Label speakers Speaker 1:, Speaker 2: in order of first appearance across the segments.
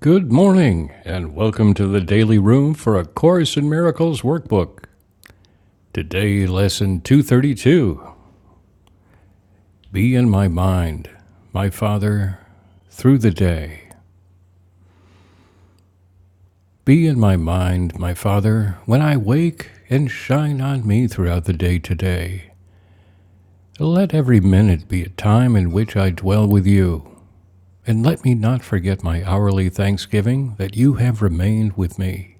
Speaker 1: Good morning, and welcome to the Daily Room for a Course in Miracles workbook. Today, lesson 232 Be in my mind, my Father, through the day. Be in my mind, my Father, when I wake, and shine on me throughout the day today. Let every minute be a time in which I dwell with you, and let me not forget my hourly thanksgiving that you have remained with me.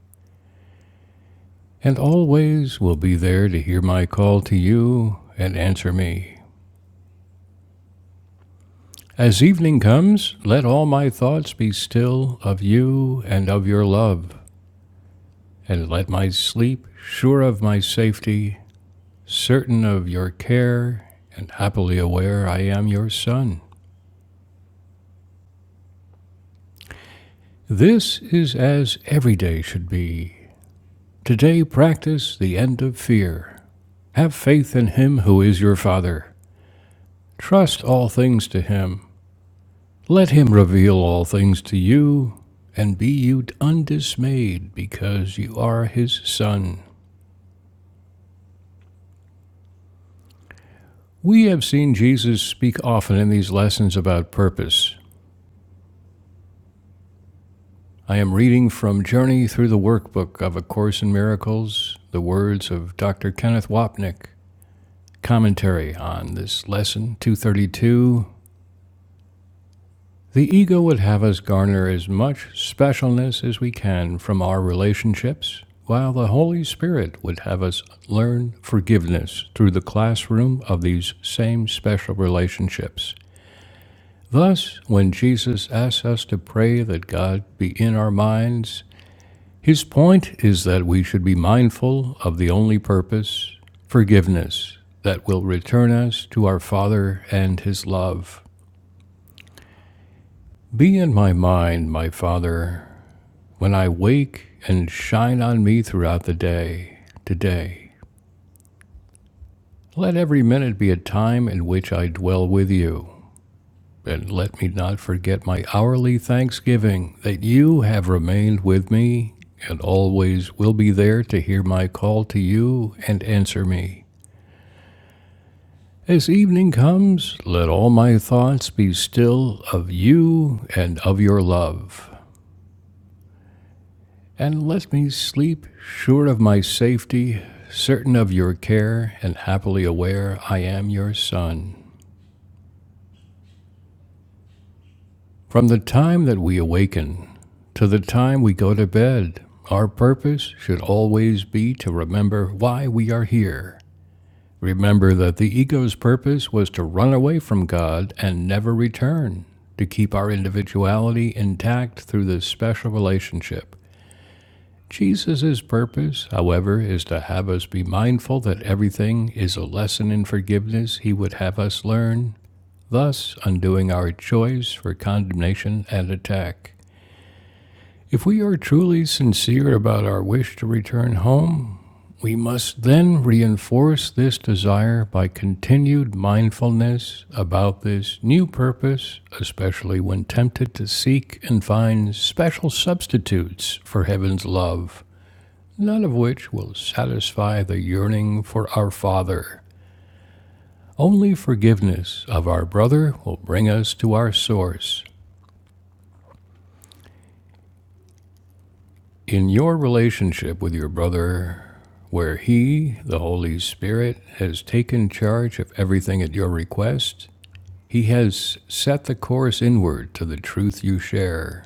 Speaker 1: and always will be there to hear my call to you and answer me. As evening comes, let all my thoughts be still of you and of your love, and let my sleep, sure of my safety, certain of your care, and happily aware I am your son. This is as every day should be. Today practice the end of fear. Have faith in him who is your father. Trust all things to him Let him reveal all things to you, and be you undismayed, because you are his son. We have seen Jesus speak often in these lessons about purpose. I am reading from Journey Through the Workbook of A Course in Miracles, the words of Dr. Kenneth Wapnick, commentary on this lesson 232 The ego would have us garner as much specialness as we can from our relationships, while the Holy Spirit would have us learn forgiveness through the classroom of these same special relationships. Thus, when Jesus asks us to pray that God be in our minds, his point is that we should be mindful of the only purpose, forgiveness, that will return us to our Father and his love. Be in my mind, my Father, When I wake and shine on me throughout the day, today, let every minute be a time in which I dwell with you, and let me not forget my hourly thanksgiving that you have remained with me and always will be there to hear my call to you and answer me. As evening comes, let all my thoughts be still of you and of your love. and let me sleep, sure of my safety, certain of your care, and happily aware I am your son. From the time that we awaken to the time we go to bed, our purpose should always be to remember why we are here. Remember that the ego's purpose was to run away from God and never return, to keep our individuality intact through this special relationship. Jesus' purpose, however, is to have us be mindful that everything is a lesson in forgiveness he would have us learn, thus undoing our choice for condemnation and attack. If we are truly sincere about our wish to return home, we must then reinforce this desire by continued mindfulness about this new purpose, especially when tempted to seek and find special substitutes for heaven's love none of which will satisfy the yearning for our Father. Only forgiveness of our brother will bring us to our source. In your relationship with your brother, where he, the Holy Spirit, has taken charge of everything at your request, he has set the course inward to the truth you share.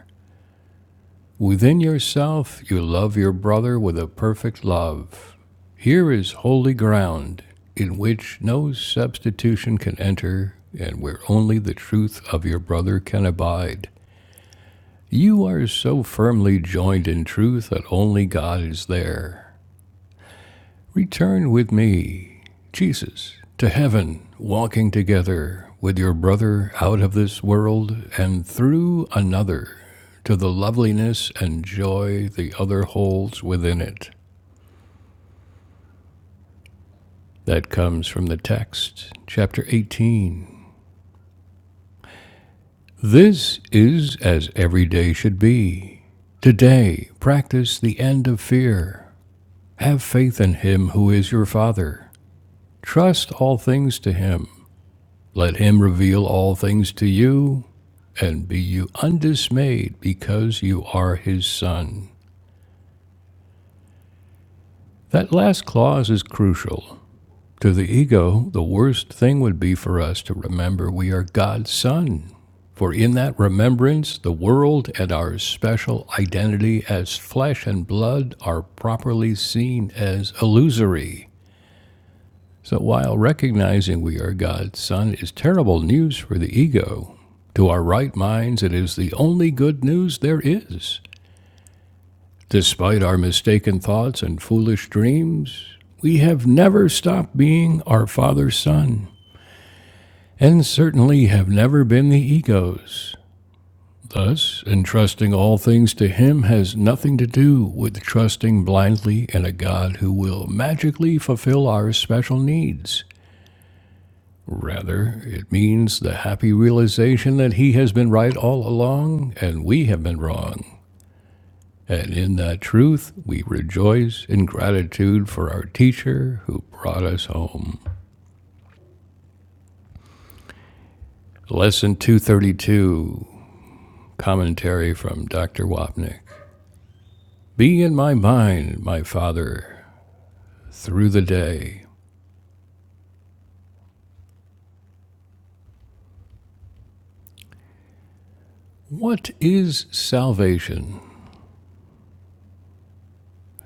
Speaker 1: Within yourself you love your brother with a perfect love. Here is holy ground, in which no substitution can enter, and where only the truth of your brother can abide. You are so firmly joined in truth that only God is there. Return with me, Jesus, to heaven, walking together with your brother out of this world and through another to the loveliness and joy the other holds within it. That comes from the text, chapter 18. This is as every day should be. Today, practice the end of fear. Have faith in him who is your Father. Trust all things to him Let him reveal all things to you, and be you undismayed because you are his son. That last clause is crucial. To the ego, the worst thing would be for us to remember we are God's son. For in that remembrance, the world and our special identity as flesh and blood are properly seen as illusory. So while recognizing we are God's Son is terrible news for the ego, to our right minds it is the only good news there is. Despite our mistaken thoughts and foolish dreams, we have never stopped being our Father's Son, and certainly have never been the ego's. Thus, entrusting all things to Him has nothing to do with trusting blindly in a God who will magically fulfill our special needs. Rather, it means the happy realization that he has been right all along and we have been wrong. And in that truth, we rejoice in gratitude for our teacher who brought us home. Lesson 232, commentary from Dr. Wapnick. Be in my mind, my Father, through the day. What is salvation?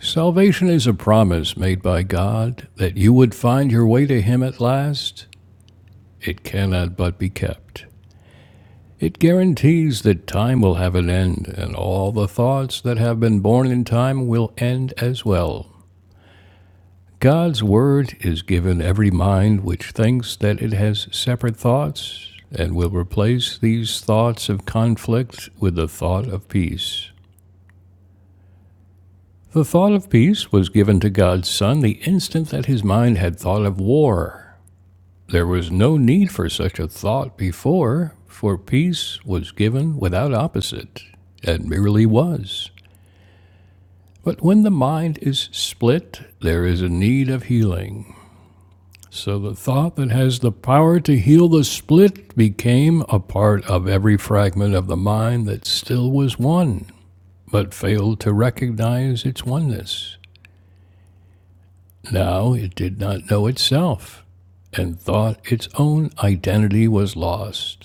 Speaker 1: Salvation is a promise made by God that you would find your way to Him at last It cannot but be kept. It guarantees that time will have an end, and all the thoughts that have been born in time will end as well. God's word is given every mind which thinks that it has separate thoughts, and will replace these thoughts of conflict with the thought of peace. The thought of peace was given to God's Son the instant that his mind had thought of war. There was no need for such a thought before, for peace was given without opposite, and merely was. But when the mind is split, there is a need of healing. So the thought that has the power to heal the split became a part of every fragment of the mind that still was one, but failed to recognize its oneness. Now it did not know itself, and thought its own identity was lost.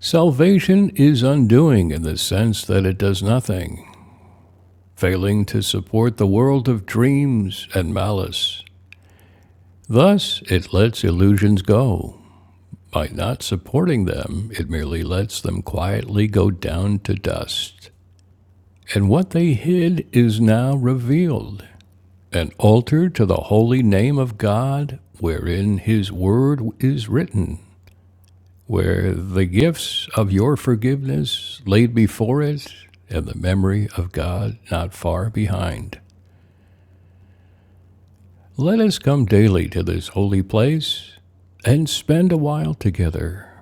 Speaker 1: Salvation is undoing in the sense that it does nothing, failing to support the world of dreams and malice. Thus, it lets illusions go. By not supporting them, it merely lets them quietly go down to dust. And what they hid is now revealed an altar to the holy name of God, wherein His word is written, where the gifts of your forgiveness laid before it and the memory of God not far behind. Let us come daily to this holy place and spend a while together.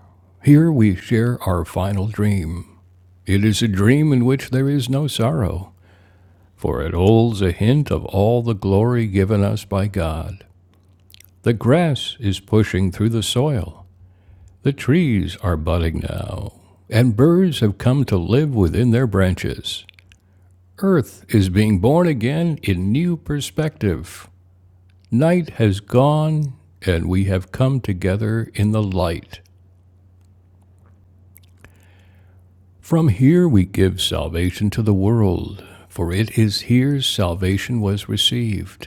Speaker 1: Here we share our final dream. It is a dream in which there is no sorrow, for it holds a hint of all the glory given us by God. The grass is pushing through the soil, the trees are budding now, and birds have come to live within their branches. Earth is being born again in new perspective. Night has gone, and we have come together in the light. From here we give salvation to the world, for it is here salvation was received.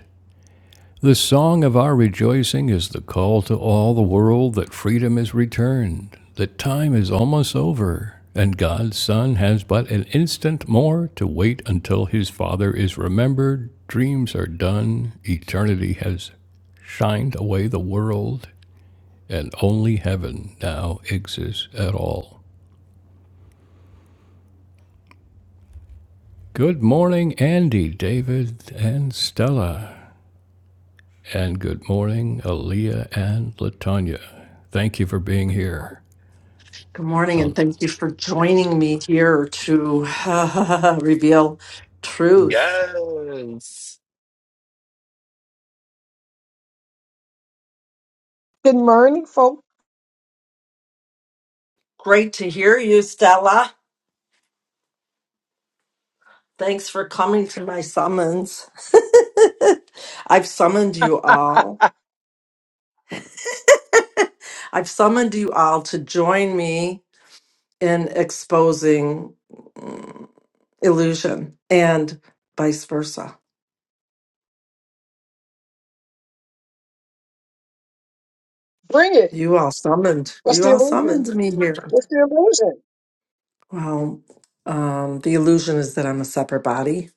Speaker 1: The song of our rejoicing is the call to all the world that freedom is returned, that time is almost over, and God's Son has but an instant more to wait until his Father is remembered, dreams are done, eternity has shined away the world, and only heaven now exists at all. Good morning, Andy, David, and Stella. And good morning, Aaliyah and Latanya. Thank you for being here.
Speaker 2: Good morning, and
Speaker 1: I'll,
Speaker 2: thank you for joining me here to reveal truth.
Speaker 3: Yes.
Speaker 4: Good morning, folk.
Speaker 2: Great to hear you, Stella. Thanks for coming to my summons. I've summoned you all. I've summoned you all to join me in exposing mm, illusion and vice versa.
Speaker 4: Bring it.
Speaker 2: You all summoned.
Speaker 4: What's
Speaker 2: You
Speaker 4: the
Speaker 2: all summoned
Speaker 4: illusion?
Speaker 2: me here.
Speaker 4: What's the illusion?
Speaker 2: Well, um, the illusion is that I'm a separate body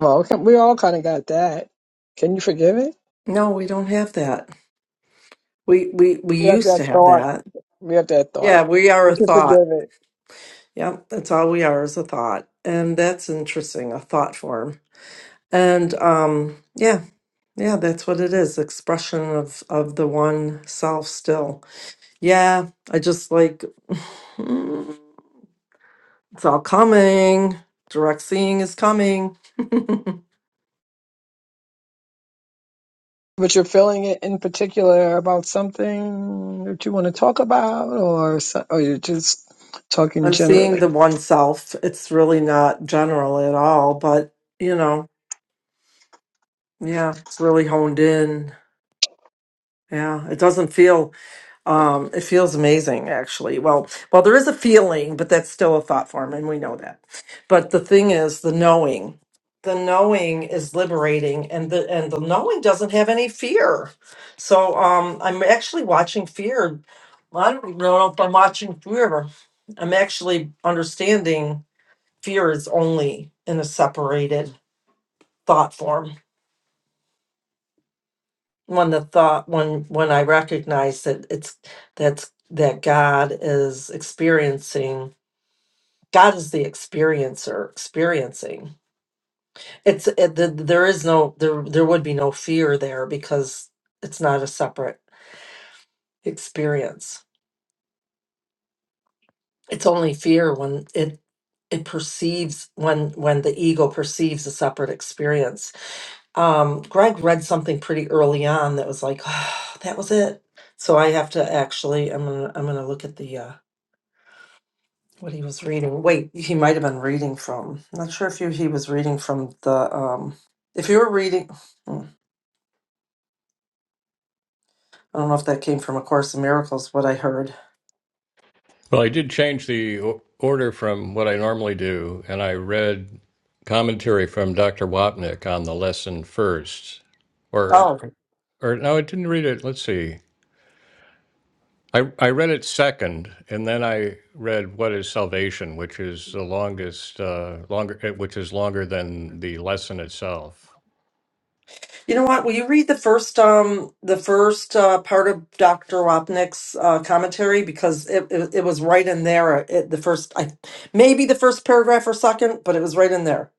Speaker 4: Well, can- we all kind of got that. Can you forgive it?
Speaker 2: No, we don't have that. We we we
Speaker 4: We have
Speaker 2: used
Speaker 4: that
Speaker 2: to have
Speaker 4: thought.
Speaker 2: that.
Speaker 4: We have that
Speaker 2: Yeah,
Speaker 4: thought.
Speaker 2: we are
Speaker 4: You
Speaker 2: a
Speaker 4: can
Speaker 2: thought.
Speaker 4: forgive it.
Speaker 2: Yep, that's all we are is a thought. And that's interesting, a thought form. And um yeah, yeah, that's what it is. Expression of of the one self still. Yeah, I just like it's all coming. Direct seeing is coming.
Speaker 4: But you're feeling it in particular about something that you want to talk about, or so- or you're just talking
Speaker 2: I'm seeing the
Speaker 4: generally.
Speaker 2: one self. It's really not general at all, but you know, yeah, it's really honed in Yeah, it doesn't feel um it feels amazing actually. Well, well there is a feeling, but that's still a thought form and we know that. But the thing is the knowing. The knowing is liberating and the and the knowing doesn't have any fear. So um I'm actually watching fear. I don't know if I'm watching fear. I'm actually understanding fear is only in a separated thought form when the thought when when i recognize that it's that's that god is experiencing god is the experiencer experiencing it's it, the, there is no there there would be no fear there because it's not a separate experience it's only fear when it it perceives when when the ego perceives a separate experience um greg read something pretty early on that was like that was it so i have to actually i'm gonna i'm gonna look at the uh what he was reading. Wait, he might have been reading from. I'm not sure if you, he was reading from the. um If you were reading, hmm, I don't know if that came from A Course in Miracles. What I heard.
Speaker 1: Well, I did change the order from what I normally do, and I read commentary from Dr. Wapnick on the lesson first. Or,
Speaker 2: Oh,
Speaker 1: or no, I didn't read it. Let's see. I, I read it second, and then I read "What Is Salvation," which is the longest, uh, longer, eh, which is longer than the lesson itself.
Speaker 2: you know what? Will you read the first um the first uh, part of Doctor Wapnick's uh, commentary because it, it it was right in there. uh, It, the first I maybe the first paragraph or second, but it was right in there.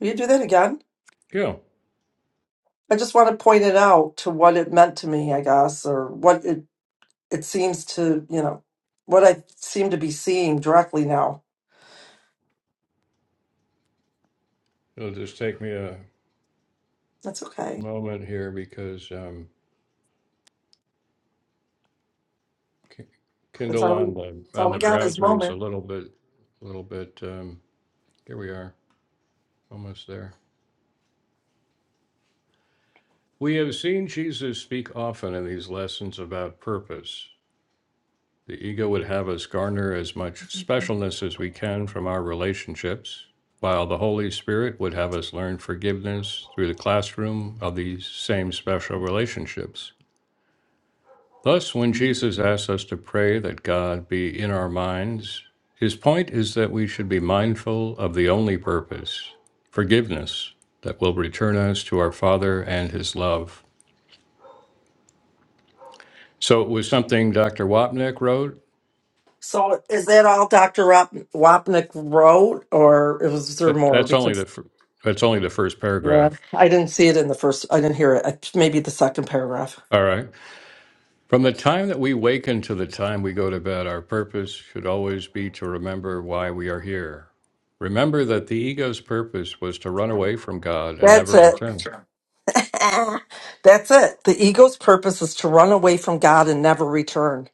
Speaker 2: Will you do that again?
Speaker 1: Yeah,
Speaker 2: I just want to point it out to what it meant to me, I guess, or what it it seems to, you know, what I seem to be seeing directly now.
Speaker 1: it'll just take me a
Speaker 2: That's okay.
Speaker 1: moment here because um, K-
Speaker 2: That's
Speaker 1: Kindle
Speaker 2: all we,
Speaker 1: on the
Speaker 2: that's
Speaker 1: on
Speaker 2: all
Speaker 1: the
Speaker 2: we got is
Speaker 1: browser is a
Speaker 2: moment.
Speaker 1: little bit, little bit. Um, here we are. Almost there. We have seen Jesus speak often in these lessons about purpose. The ego would have us garner as much specialness as we can from our relationships, while the Holy Spirit would have us learn forgiveness through the classroom of these same special relationships. Thus, when Jesus asks us to pray that God be in our minds, his point is that we should be mindful of the only purpose, forgiveness, that will return us to our Father and his love. So it was something Dr. Wapnick wrote?
Speaker 2: So is that all Dr. Rop- Wapnick wrote, or was there
Speaker 1: That,
Speaker 2: more?
Speaker 1: that's only the
Speaker 2: Because
Speaker 1: fir- that's only the first
Speaker 2: yeah,
Speaker 1: paragraph.
Speaker 2: I didn't see it in the first, I didn't hear it. I, maybe the second paragraph.
Speaker 1: All right. From the time that we waken to the time we go to bed, our purpose should always be to remember why we are here. Remember that the ego's purpose was to run away from God and
Speaker 2: That's
Speaker 1: never
Speaker 2: it.
Speaker 1: return.
Speaker 2: That's it. The ego's purpose is to run away from God and never return.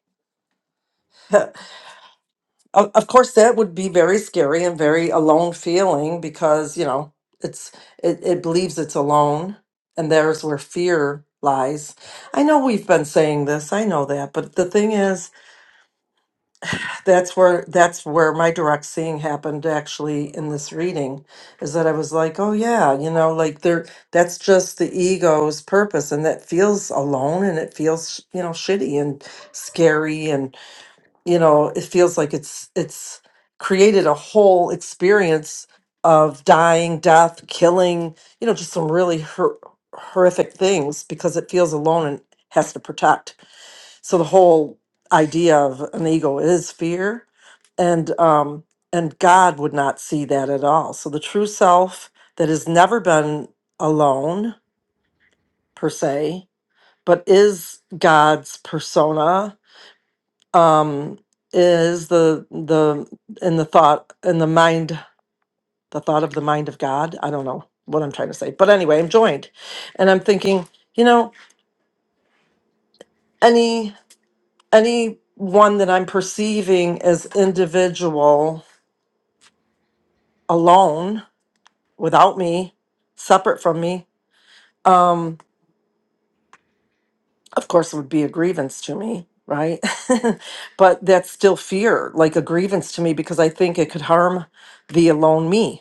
Speaker 2: of, of course that would be very scary and very alone feeling because you know it's it, it believes it's alone and there's where fear lies i know we've been saying this i know that but the thing is that's where that's where my direct seeing happened actually in this reading is that i was like oh yeah you know like there that's just the ego's purpose and that feels alone and it feels you know shitty and scary you know it feels like it's it's created a whole experience of dying death killing you know just some really hor- horrific things because it feels alone and has to protect so the whole idea of an ego is fear and um and god would not see that at all so the true self that has never been alone per se but is god's persona um, is the the in the thought in the mind the thought of the mind of God. I don't know what I'm trying to say, but anyway, I'm joined, and I'm thinking, you know, any any one that I'm perceiving as individual, alone, without me, separate from me, um, of course, would be a grievance to me, right? but that's still fear, like a grievance to me, because I think it could harm the alone me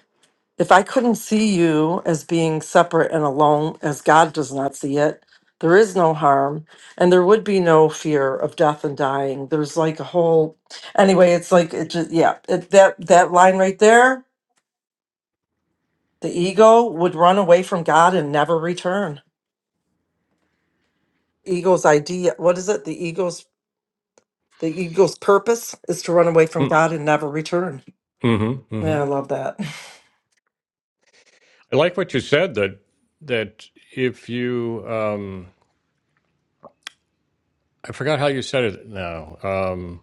Speaker 2: If I couldn't see you as being separate and alone, as God does not see it, there is no harm and there would be no fear of death and dying. There's like a whole, anyway, it's like, it just, yeah, it, that, that line right there, the ego would run away from God and never return. Ego's idea, what is it? The ego's, the ego's purpose is to run away from
Speaker 1: Mm,
Speaker 2: God and never return.
Speaker 1: Mm-hmm, mm-hmm.
Speaker 2: Yeah, I love that.
Speaker 1: I like what you said that that if you um, I forgot how you said it now. Um,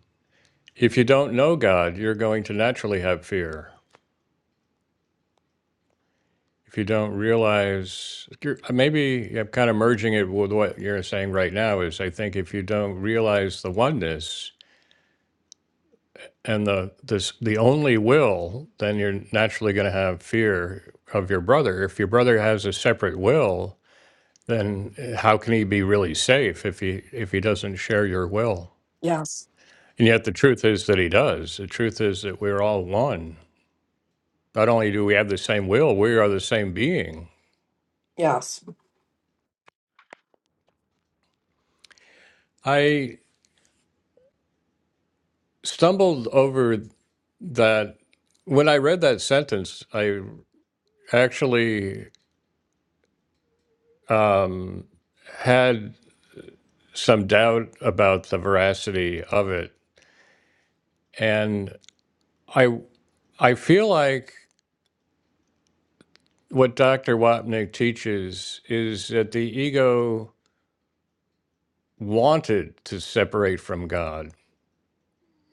Speaker 1: if you don't know God, you're going to naturally have fear. if you don't realize you're, uh, maybe i'm kind of merging it with what you're saying right now is i think if you don't realize the oneness and the this the only will then you're naturally going to have fear of your brother if your brother has a separate will then eh, how can he be really safe if he if he doesn't share your will
Speaker 2: Yes.
Speaker 1: and yet the truth is that he does the truth is that we're all one not only do we have the same will we are the same being
Speaker 2: Yes.
Speaker 1: i stumbled over that when I read that sentence, I actually um, had some doubt about the veracity of it, and I I feel like what Dr. Wapnick teaches is that the ego wanted to separate from God,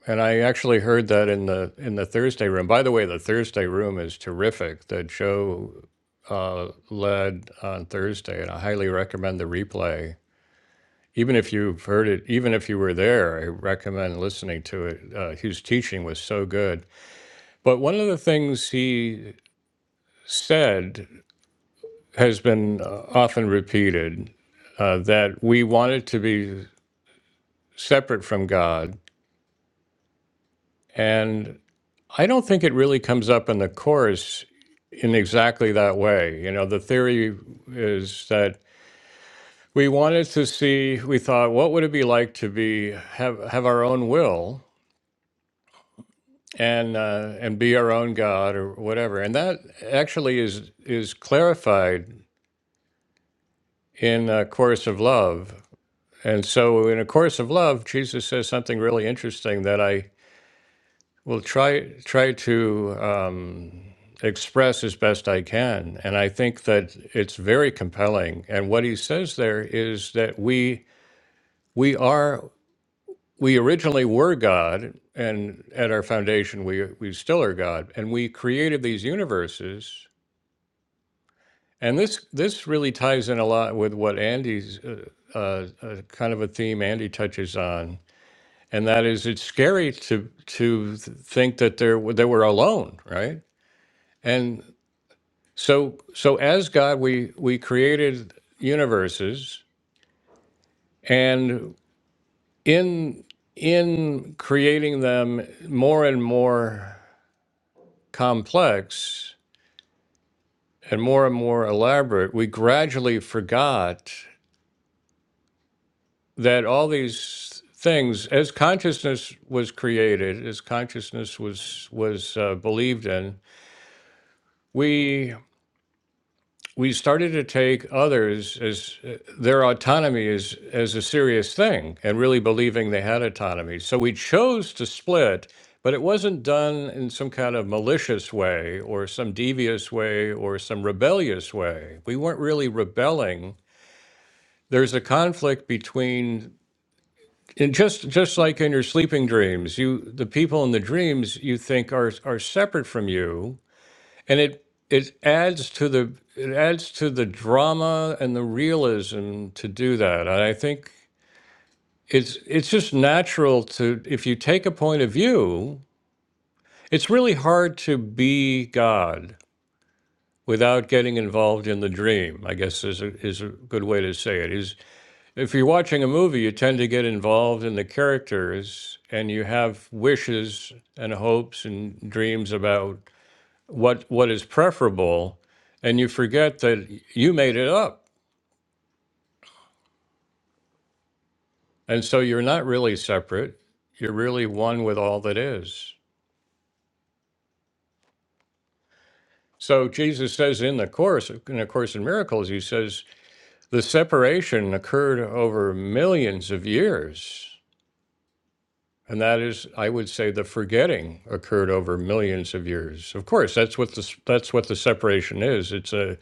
Speaker 1: and I actually heard that in the in the Thursday room. By the way, the Thursday room is terrific. That show uh, led on Thursday, and I highly recommend the replay even if you've heard it, even if you were there, I recommend listening to it. Uh, his teaching was so good. But one of the things he said has been uh, often repeated uh, that we wanted to be separate from God. And I don't think it really comes up in the Course in exactly that way. You know, the theory is that we wanted to see, we thought, what would it be like to be have, have our own will? and uh, and be our own God or whatever. And that actually is is clarified in a course of love. And so, in a course of love, Jesus says something really interesting that I will try try to um, express as best I can. And I think that it's very compelling. And what he says there is that we we are we originally were God, and at our foundation, we we still are God, and we created these universes And this this really ties in a lot with what Andy's uh, uh, uh, kind of a theme Andy touches on, and that is it's scary to to th- think that there w- that we're alone, right? And so so as God, we we created universes, and in in creating them more and more complex and more and more elaborate, we gradually forgot that all these things as consciousness was created as consciousness was was uh, believed in we we started to take others as uh, their autonomy as as a serious thing and really believing they had autonomy so we chose to split but it wasn't done in some kind of malicious way or some devious way or some rebellious way we weren't really rebelling there's a conflict between And just just like in your sleeping dreams, you the people in the dreams you think are are separate from you, and it it adds to the it adds to the drama and the realism to do that. And I think it's it's just natural to if you take a point of view, it's really hard to be God without getting involved in the dream. I guess is a, is a good way to say it. if you're watching a movie, you tend to get involved in the characters and you have wishes and hopes and dreams about what what is preferable and you forget that you made it up. And so you're not really separate. You're really one with all that is. So Jesus says in the course in the course in miracles he says the separation occurred over millions of years And that is, I would say, the forgetting occurred over millions of years. Of course, that's what the that's what the separation is. It's a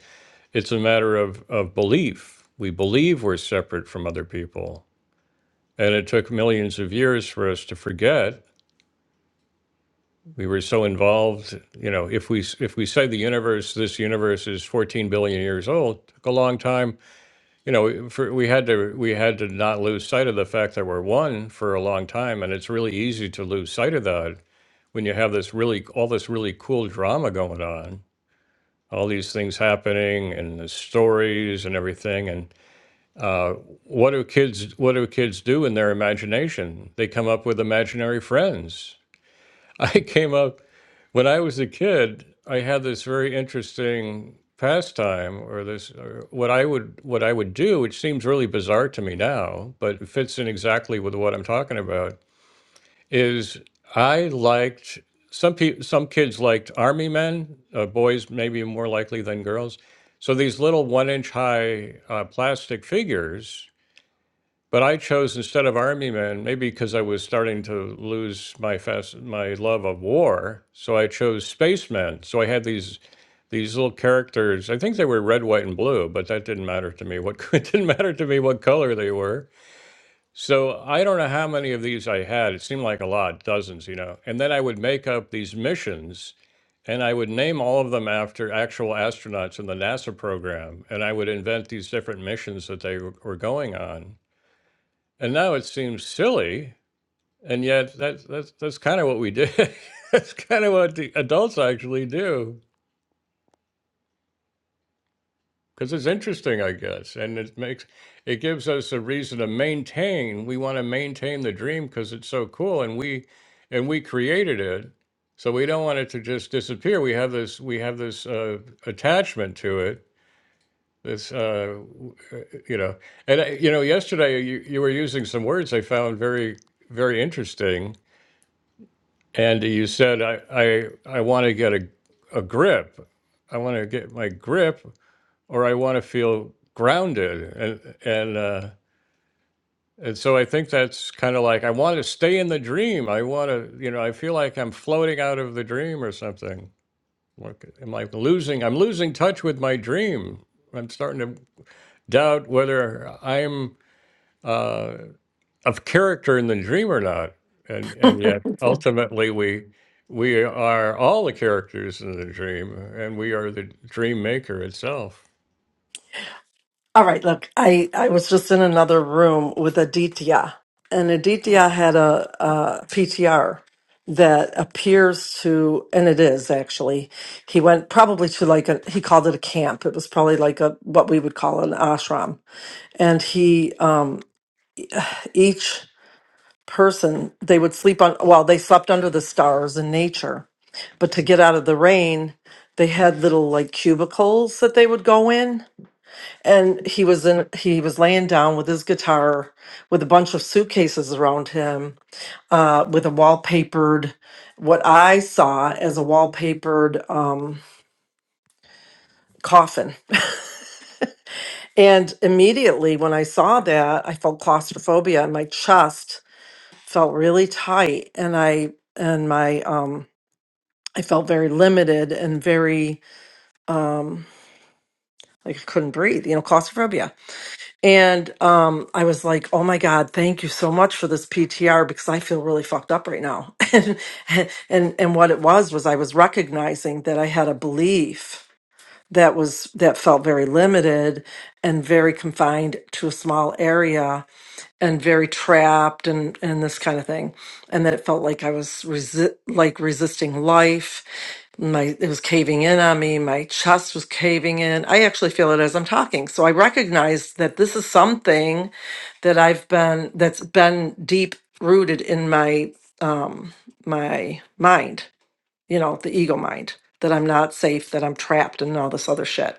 Speaker 1: it's a matter of of belief. We believe we're separate from other people, and it took millions of years for us to forget. We were so involved, you know. If we s- if we say the universe, this universe is 14 billion years old, it took a long time. You know, for, we had to we had to not lose sight of the fact that we're one for a long time, and it's really easy to lose sight of that when you have this really all this really cool drama going on all these things happening and the stories and everything and uh, what do kids what do kids do in their imagination they come up with imaginary friends i came up when i was a kid i had this very interesting pastime or this or what i would what i would do which seems really bizarre to me now but it fits in exactly with what i'm talking about is I liked some people some kids liked army men, uh, boys maybe more likely than girls. So these little one inch high uh, plastic figures, but I chose instead of army men, maybe because I was starting to lose my fast my love of war. So I chose spacemen. So I had these these little characters. I think they were red, white, and blue, but that didn't matter to me. What it didn't matter to me what color they were so I don't know how many of these I had. It seemed like a lot, dozens, you know. And then I would make up these missions and I would name all of them after actual astronauts in the NASA program. And I would invent these different missions that they were were going on. And now it seems silly. And yet that's, that's, that's kind of what we did. that's kind of what the adults actually do. because it's interesting, I guess, and it makes it gives us a reason to maintain. We want to maintain the dream because it's so cool, and we and we created it, so we don't want it to just disappear. We have this we have this uh, attachment to it. This uh, w- uh, you know, and uh, you know, yesterday you, you were using some words I found very very interesting, and you said I I I want to get a a grip. I want to get my grip or I want to feel grounded and and uh and so I think that's kind of like I want to stay in the dream. I want to, you know, I feel like I'm floating out of the dream or something. Like I'm like losing I'm losing touch with my dream. I'm starting to doubt whether I'm uh of character in the dream or not. And and yet ultimately we we are all the characters in the dream and we are the dream maker itself.
Speaker 2: All right, look, I, I was just in another room with Aditya, and Aditya had a, PTR that appears to, and it is actually, he went probably to like a, he called it a camp. It was probably like a, what we would call an ashram. And he, uh, each person, they would sleep on, well, they slept under the stars in nature, but to get out of the rain, they had little like cubicles that they would go in and he was in he was laying down with his guitar with a bunch of suitcases around him uh, with a wallpapered what i saw as a wallpapered um, coffin and immediately when i saw that i felt claustrophobia and my chest felt really tight and i and my um i felt very limited and very like i couldn't breathe you know claustrophobia And um, I was like, "Oh my God, thank you so much for this PTR because I feel really fucked up right now." and and and what it was was I was recognizing that I had a belief that was that felt very limited and very confined to a small area and very trapped and and this kind of thing and that it felt like i was resi- like resisting life my it was caving in on me my chest was caving in i actually feel it as i'm talking so i recognize that this is something that i've been that's been deep rooted in my um my mind you know the ego mind that i'm not safe that i'm trapped and all this other shit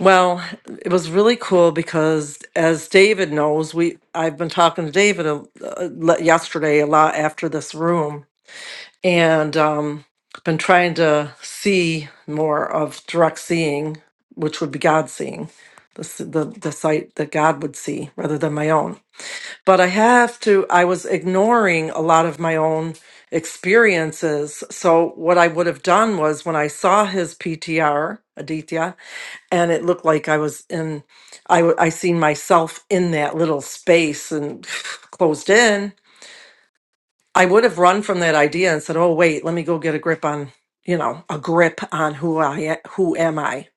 Speaker 2: well, it was really cool because, as David knows, we I've been talking to David a, a, le- yesterday a lot after this room, and um, been trying to see more of direct seeing, which would be God seeing, the s- the the sight that God would see rather than my own. But I have to. I was ignoring a lot of my own experiences. So what I would have done was when I saw his PTR, Aditya and it looked like I was in I w- I seen myself in that little space and closed in. I would have run from that idea and said, "Oh wait, let me go get a grip on, you know, a grip on who I a- who am I."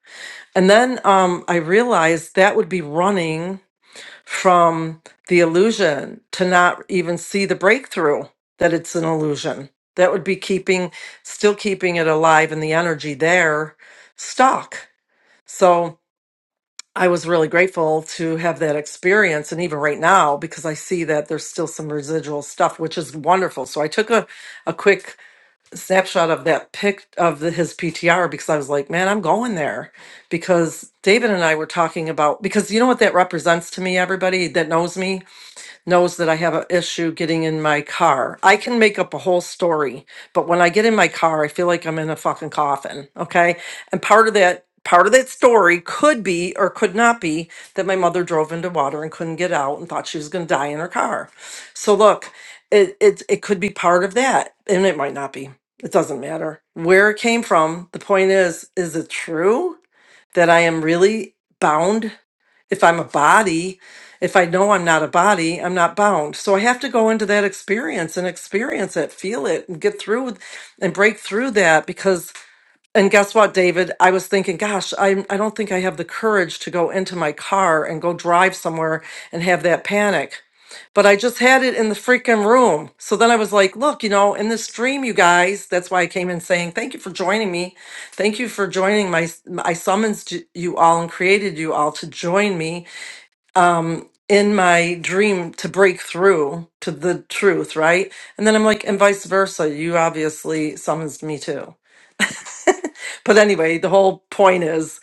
Speaker 2: And then um, I realized that would be running from the illusion to not even see the breakthrough that it's an illusion. That would be keeping, still keeping it alive and the energy there stuck. So I was really grateful to have that experience. And even right now, because I see that there's still some residual stuff, which is wonderful. So I took a, a quick snapshot of that pic of the, his PTR because I was like, man, I'm going there. Because David and I were talking about, because you know what that represents to me, everybody that knows me? knows that I have an issue getting in my car. I can make up a whole story, but when I get in my car, I feel like I'm in a fucking coffin. Okay. And part of that, part of that story could be or could not be that my mother drove into water and couldn't get out and thought she was going to die in her car. So look, it, it, it could be part of that and it might not be. It doesn't matter where it came from. The point is, is it true? that I am really bound. If I'm a body, if I know I'm not a body, I'm not bound. So I have to go into that experience and experience it, feel it, and get through with- and break through that. Because, and guess what, David? I was thinking, gosh, I, I don't think I have the courage to go into my car and go drive somewhere and have that panic but I just had it in the freaking room. So then I was like, look, you know, in this dream, you guys, that's why I came in saying, thank you for joining me. Thank you for joining my, I summoned j- you all and created you all to join me in my dream to break through to the truth, right? And then I'm like, and vice versa. You obviously summons me too. But anyway, the whole point is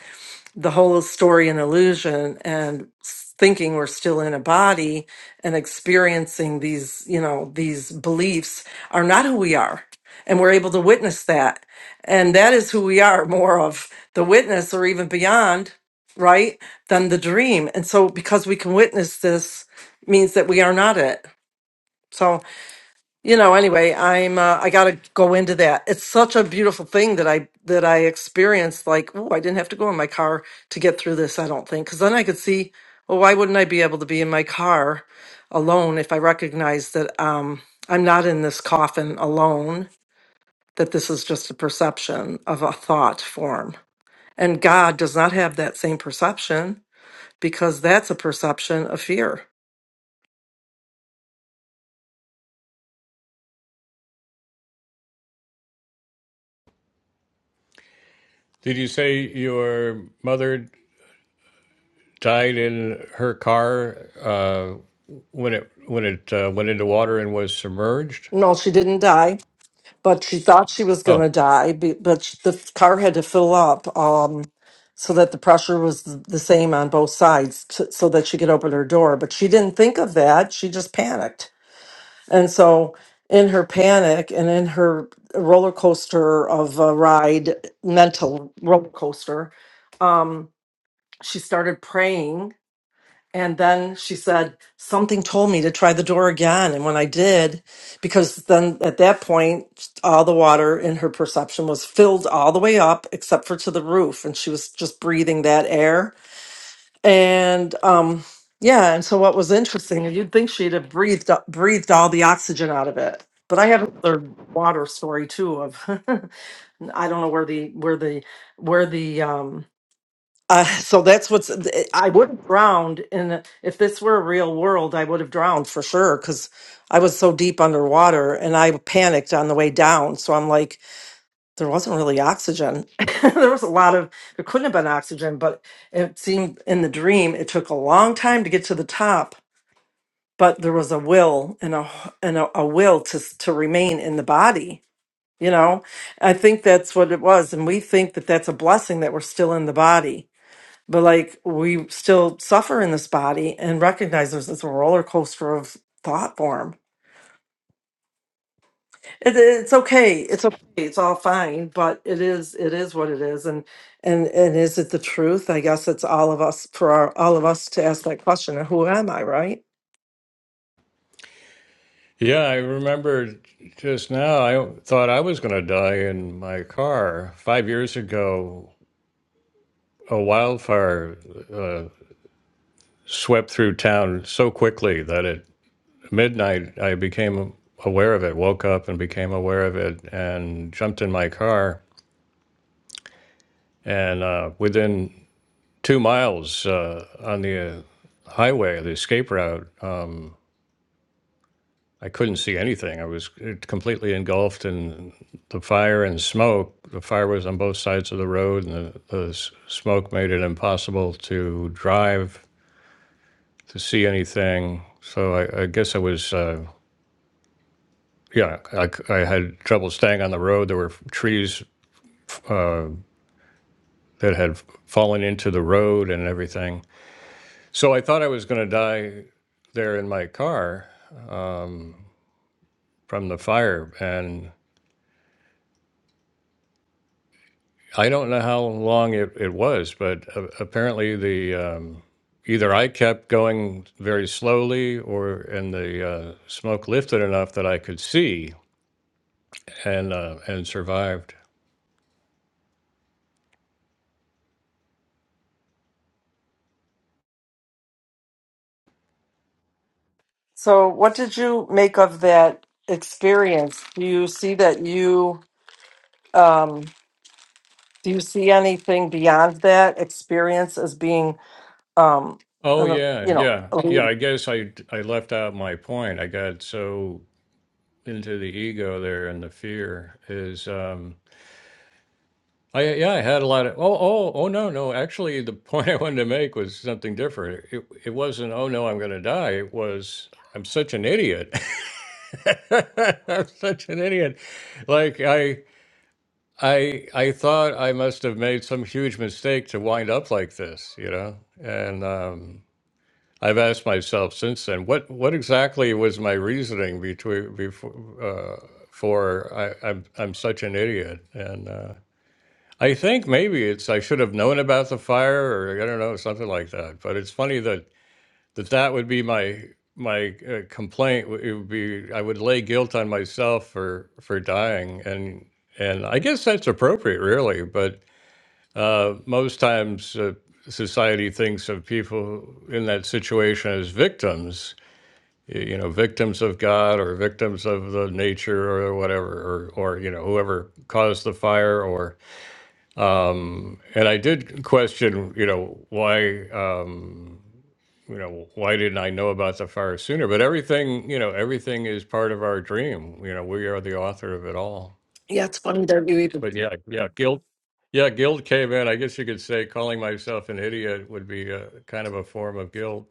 Speaker 2: the whole story an illusion and s- thinking we're still in a body and experiencing these you know these beliefs are not who we are and we're able to witness that and that is who we are more of the witness or even beyond right than the dream and so because we can witness this means that we are not it so you know anyway i'm uh, i gotta go into that it's such a beautiful thing that i that i experienced like oh i didn't have to go in my car to get through this i don't think because then i could see well why wouldn't i be able to be in my car alone if i recognize that um i'm not in this coffin alone that this is just a perception of a thought form and god does not have that same perception because that's a perception of fear
Speaker 1: Did you say your mother died in her car uh, when it when it uh, went into water and was submerged.
Speaker 2: no she didn't die but she thought she was going
Speaker 1: Oh,
Speaker 2: to die. be- But sh- the f- car had to fill up um, so that the pressure was th- the same on both sides, t so that she could open her door. But she didn't think of that. She just panicked, and so in her panic and in her roller coaster of a ride, mental roller coaster, um, she started praying and then she said, Something told me to try the door again. And when I did, because then at that point, all the water in her perception was filled all the way up except for to the roof. And she was just breathing that air. And, um, yeah, and so what was interesting, and you'd think she'd have breathed breathed all the oxygen out of it, but I have another water story too. Of I don't know where the where the where the um uh, so that's what's. I would have drowned, and if this were a real world, I would have drowned for sure because I was so deep underwater, and I panicked on the way down. So I'm like, there wasn't really oxygen. there was a lot of. There couldn't have been oxygen, but it seemed in the dream it took a long time to get to the top. But there was a will and a and a, a will to s- to remain in the body. You know, I think that's what it was, and we think that that's a blessing that we're still in the body but like we still suffer in this body and recognize there's this roller coaster of thought form it, it's okay it's okay it's all fine but it is it is what it is and and and is it the truth i guess it's all of us for our, all of us to ask that question who am i right
Speaker 1: Yeah, I remember just now. I thought I was going to die in my car five years ago. A wildfire uh, swept through town so quickly that at midnight I became aware of it. Woke up and became aware of it, and jumped in my car. And uh, within two miles uh, on the uh, highway, the escape route, um, I couldn't see anything. I was uh, completely engulfed in the fire and smoke. The fire was on both sides of the road, and the, the s- smoke made it impossible to drive, to see anything. So I, I guess I was. Uh, yeah, I, c- I had trouble staying on the road. There were f- trees uh, that had fallen into the road and everything. So I thought I was going to die there in my car from the fire. And I don't know how long it, it was, but uh, apparently the um, either I kept going very slowly, or and the uh, smoke lifted enough that I could see and uh, and survived.
Speaker 2: so what did you make of that experience do you see that you um do you see anything beyond that experience as being um
Speaker 1: Oh
Speaker 2: an,
Speaker 1: yeah,
Speaker 2: you know
Speaker 1: yeah,
Speaker 2: a
Speaker 1: yeah. I guess I I left out my point. I got so into the ego there and the fear is. Um, I yeah, I had a lot of oh oh oh no no. Actually, the point I wanted to make was something different. It it wasn't oh no I'm going to die. It was I'm such an idiot. I'm such an idiot. Like I I I thought I must have made some huge mistake to wind up like this, you know. And um, I've asked myself since then what what exactly was my reasoning between before uh, for I, I'm I'm such an idiot and. Uh, I think maybe it's I should have known about the fire, or I don't know, something like that. But it's funny that that, that would be my my uh, complaint. w- It would be I would lay guilt on myself for for dying, and and I guess that's appropriate, really. But uh, most times, uh, society thinks of people in that situation as victims. y- You know, victims of God or victims of the nature or whatever, or, or you know, whoever caused the fire, or. And I did question, you know, why, um, you know, why didn't I know about the fire sooner? But everything, you know, everything is part of our dream. You know, we are the author of it all.
Speaker 2: Yeah, it's funny that you even.
Speaker 1: But yeah, yeah, guilt, yeah, guilt came in. I guess you could say calling myself an idiot would be a, kind of a form of guilt.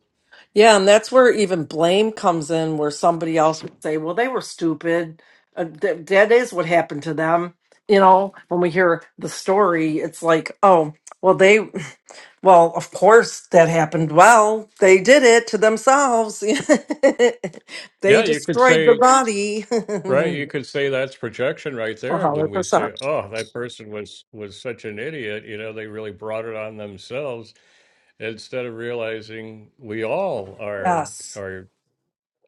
Speaker 2: Yeah, and that's where even blame comes in, where somebody else would say, "Well, they were stupid. Uh, th- that is what happened to them." You know, when we hear the story, it's like, "Oh, well, they, well, of course that happened. Well, they did it to themselves. they
Speaker 1: Yeah, you could
Speaker 2: destroyed
Speaker 1: say
Speaker 2: the body."
Speaker 1: Right, you could say that's projection right
Speaker 2: A
Speaker 1: there
Speaker 2: hundred
Speaker 1: when we say,
Speaker 2: percent.
Speaker 1: "Oh, that person was was such an idiot," you know, they really brought it on themselves instead of realizing we all are
Speaker 2: Yes,
Speaker 1: are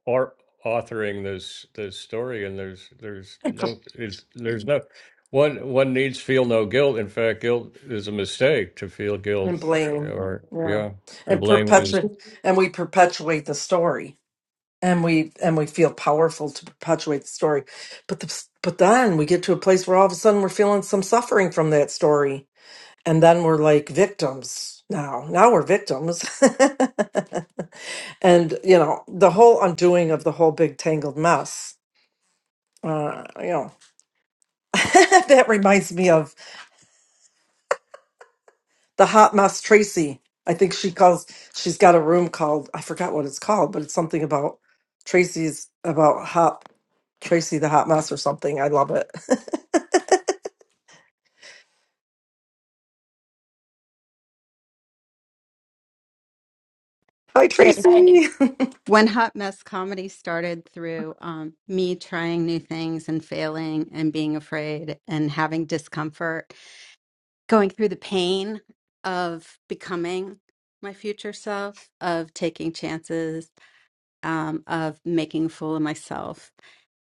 Speaker 1: are authoring this this story and there's there's
Speaker 2: and per-
Speaker 1: no it's there's no one one needs feel no guilt. In fact, guilt is a mistake to feel guilt
Speaker 2: and blame.
Speaker 1: or
Speaker 2: Yeah,
Speaker 1: yeah, the
Speaker 2: and
Speaker 1: blame is
Speaker 2: perpetuate, and we perpetuate the story. and we and we feel powerful to perpetuate the story but the, but then we get to a place where all of a sudden we're feeling some suffering from that story and then we're like victims now now we're victims and you know the whole undoing of the whole big tangled mess uh you know that reminds me of the hot mess Tracy. I think she calls she's got a room called I forgot what it's called, but it's something about Tracy's about hot Tracy the hot mess or something. I love it. Hi
Speaker 5: I-
Speaker 2: Tracy.
Speaker 5: when hot mess comedy started through um, me trying new things and failing and being afraid and having discomfort, going through the pain of becoming my future self, of taking chances, um, of making a fool of myself.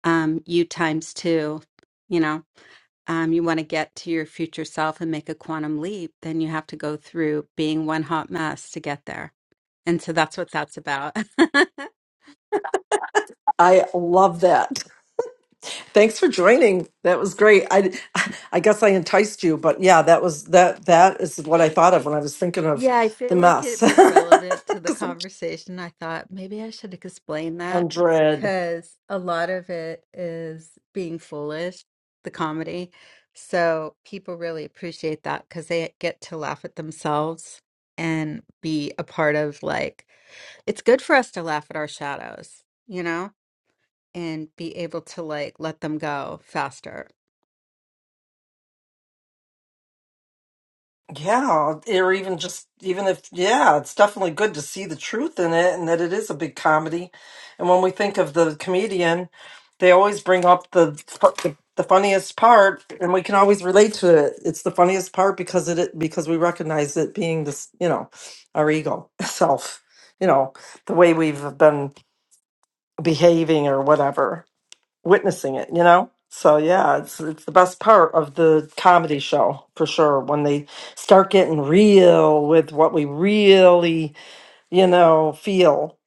Speaker 5: Um, you times two, you know, um, you want to get to your future self and make a quantum leap, then you have to go through being one hot mess to get there. And so that's what that's about.
Speaker 2: I love that. Thanks for joining. That was great. I I guess I enticed you, but yeah, that was that that is what I thought of when I was thinking of
Speaker 5: Yeah, I
Speaker 2: the
Speaker 5: feel like
Speaker 2: mess.
Speaker 5: it was relevant to the
Speaker 2: 'Cause I'm
Speaker 5: conversation. I thought maybe I should explain that
Speaker 2: 100.
Speaker 5: because a lot of it is being foolish, the comedy. So people really appreciate that because they get to laugh at themselves and be a part of like, it's good for us to laugh at our shadows, you know, and be able to like let them go faster.
Speaker 2: Yeah, or even just even if yeah, it's definitely good to see the truth in it and that it is a big comedy. And when we think of the comedian, they always bring up the fu- the, the funniest part, and we can always relate to it. It's the funniest part because it it- because we recognize it being this, you know, our ego self, you know, the way we've been behaving or whatever witnessing it, you know? So yeah, it's it's the best part of the comedy show for sure when they start getting real with what we really, you know, feel.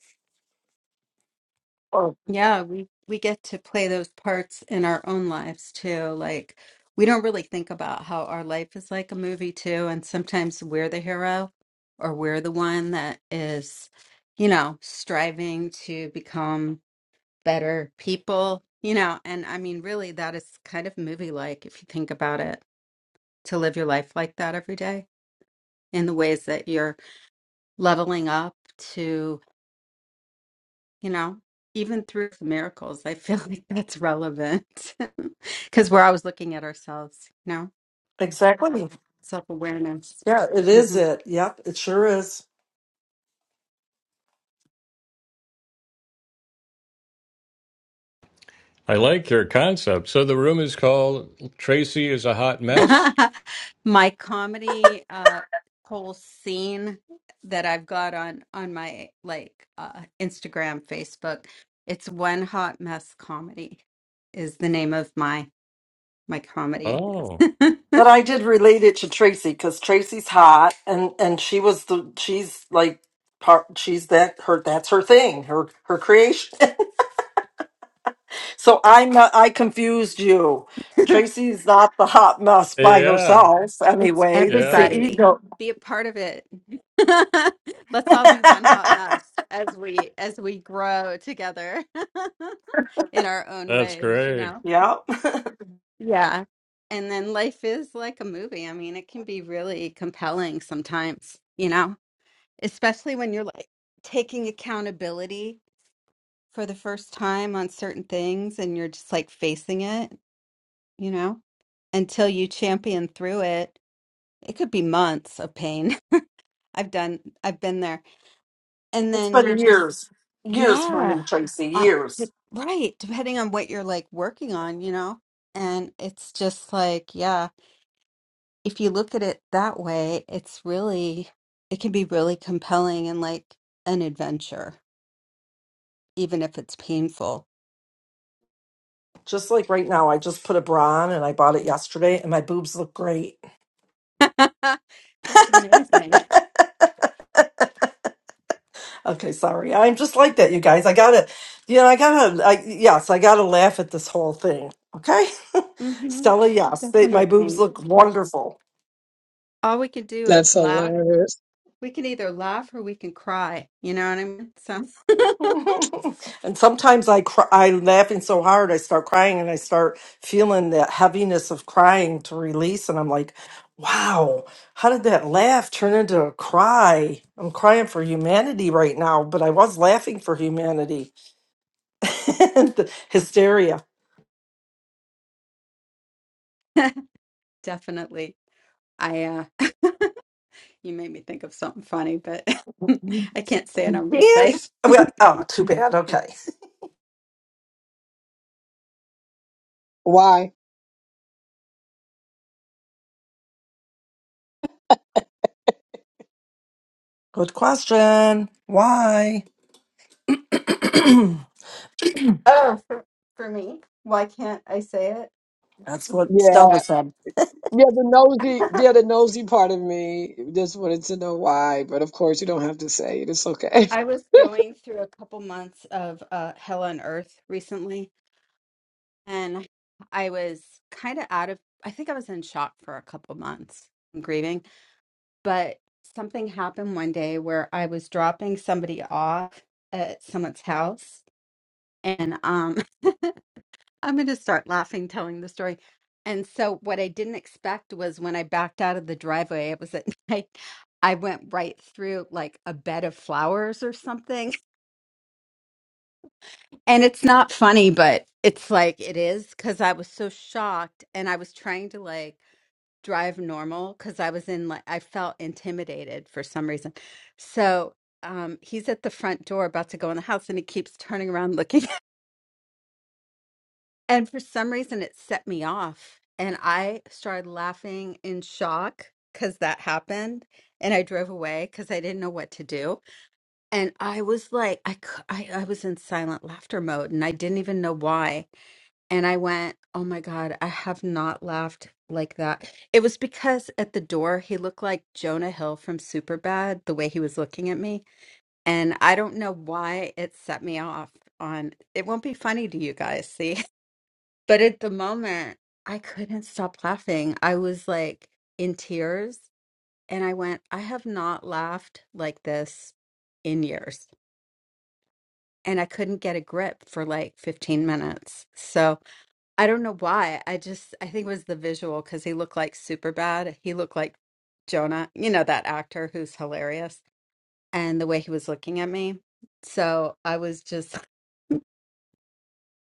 Speaker 2: Oh,
Speaker 5: Yeah, we we get to play those parts in our own lives too. Like we don't really think about how our life is like a movie too, and sometimes we're the hero or we're the one that is, you know, striving to become better people, you know, and I mean really that is kind of movie like if you think about it, to live your life like that every day in the ways that you're leveling up you know, even through the miracles, I feel like that's relevant because we're always looking at ourselves, you know,
Speaker 2: exactly.
Speaker 5: self awareness.
Speaker 2: Yeah, it is
Speaker 5: hmm
Speaker 2: it. Yep, it sure is.
Speaker 1: I like your concept. So the room is called Tracy is a hot mess.
Speaker 5: my comedy uh, whole scene that I've got on on my like uh, Instagram, Facebook, it's one hot mess comedy is the name of my my comedy.
Speaker 1: Oh.
Speaker 2: But I did relate it to Tracy cuz Tracy's hot and and she was the she's like part she's that her that's her thing, her her creation. So I'm not, I confused you. Tracy's not the hot mess by
Speaker 1: Yeah,
Speaker 2: herself
Speaker 5: It's
Speaker 2: anyway. It's the
Speaker 1: yeah,
Speaker 5: everybody.
Speaker 2: ego.
Speaker 5: Be a part of it. Let's all be one hot mess as we as we grow together in our own
Speaker 1: that's
Speaker 5: ways, you
Speaker 1: great.
Speaker 5: know?
Speaker 2: yeah.
Speaker 5: Yeah. And then life is like a movie. I mean, it can be really compelling sometimes, you know, especially when you're like taking accountability for the first time on certain things and you're just like facing it, you know, until you champion through it. It could be months of pain. I've done, I've been there. And
Speaker 2: It's
Speaker 5: then you
Speaker 2: been
Speaker 5: just,
Speaker 2: years, years for me,
Speaker 5: yeah,
Speaker 2: Tracy,
Speaker 5: uh,
Speaker 2: years.
Speaker 5: de- right. Depending on what you're like working on, you know? And it's just like, yeah, if you look at it that way, it's really, it can be really compelling and like an adventure, even if it's painful.
Speaker 2: Just like right now, I just put a bra on and I bought it yesterday and my boobs look great.
Speaker 5: That's amazing.
Speaker 2: Okay, sorry. I'm just like that, you guys. I gotta, you know, I gotta, I, yes, I gotta laugh at this whole thing. Okay.
Speaker 5: hmm
Speaker 2: Stella, yes, they, my boobs
Speaker 5: Definitely.
Speaker 2: look wonderful.
Speaker 5: All we can do is
Speaker 4: That's
Speaker 5: laugh.
Speaker 4: hilarious.
Speaker 5: We can either laugh or we can cry. You know what I mean? So
Speaker 2: and sometimes I cry, I'm laughing so hard I start crying and I start feeling that heaviness of crying to release and I'm like, wow, how did that laugh turn into a cry? I'm crying for humanity right now, but I was laughing for humanity. The Hysteria.
Speaker 5: definitely. I uh You made me think of something funny, but
Speaker 2: Yeah.
Speaker 5: I can't say it on replays.
Speaker 2: Well, oh, too bad. Okay.
Speaker 4: Why?
Speaker 2: Good question. Why? That's
Speaker 5: Oh, for, for me, why can't I say
Speaker 2: what Stella
Speaker 4: Yeah.
Speaker 2: said.
Speaker 4: Yeah, the nosy,
Speaker 5: it?
Speaker 4: yeah, the nosy part of me just wanted to know why, but of course you don't have to say it. It's okay.
Speaker 5: I was going through a couple months of uh, Hell on Earth recently, and I was kind of out of, I think I was in shock for a couple months, grieving, but something happened one day where I was dropping somebody off at someone's house and um i'm going to start laughing telling the story and so what i didn't expect was when i backed out of the driveway it was at night i went right through like a bed of flowers or something and it's not funny but it's like it is because i was so shocked and i was trying to like drive normal because i was in like i felt intimidated for some reason so um he's at the front door about to go in the house and he keeps turning around looking And for some reason, it set me off. And I started laughing in shock because that happened. And I drove away because I didn't know what to do. And I was like, I, cou- I, I was in silent laughter mode and I didn't even know why. And I went, oh my God, I have not laughed like that. It was because at the door, he looked like Jonah Hill from Superbad, the way he was looking at me. And I don't know why it set me off on, it won't be funny to you guys, see? But at the moment, I couldn't stop laughing. I was like in tears. And I went, I have not laughed like this in years. And I couldn't get a grip for like 15 minutes. So I don't know why. I just, I think it was the visual because he looked like super bad. He looked like Jonah, you know, that actor who's hilarious and the way he was looking at me. So I was just,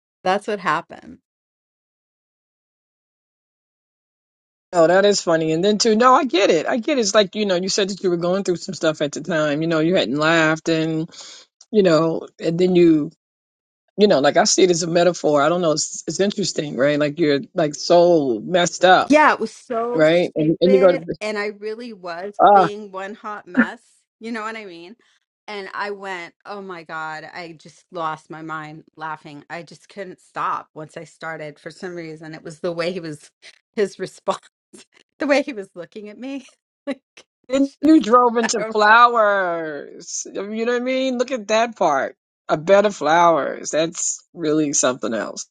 Speaker 5: that's what happened.
Speaker 4: Oh, that is funny. And then too, no, I get it. I get it. It's like, you know, you said that you were going through some stuff at the time. You know, you hadn't laughed and, you know, and then you, you know, like I see it as a metaphor. I don't know. It's, it's interesting, right? Like you're like so messed up,
Speaker 5: Yeah, it was so
Speaker 4: right? And and you go
Speaker 5: stupid.
Speaker 4: to,
Speaker 5: And I really was
Speaker 4: ah,
Speaker 5: being one hot mess. You know what I mean? And I went, oh my God, I just lost my mind laughing. I just couldn't stop once I started for some reason. It was the way he was, his response, the way he was looking at me. Like,
Speaker 4: then you
Speaker 5: just,
Speaker 4: drove
Speaker 5: I
Speaker 4: into
Speaker 5: don't know.
Speaker 4: flowers. You know what I mean? Look at that part. A bed of flowers. That's really something else.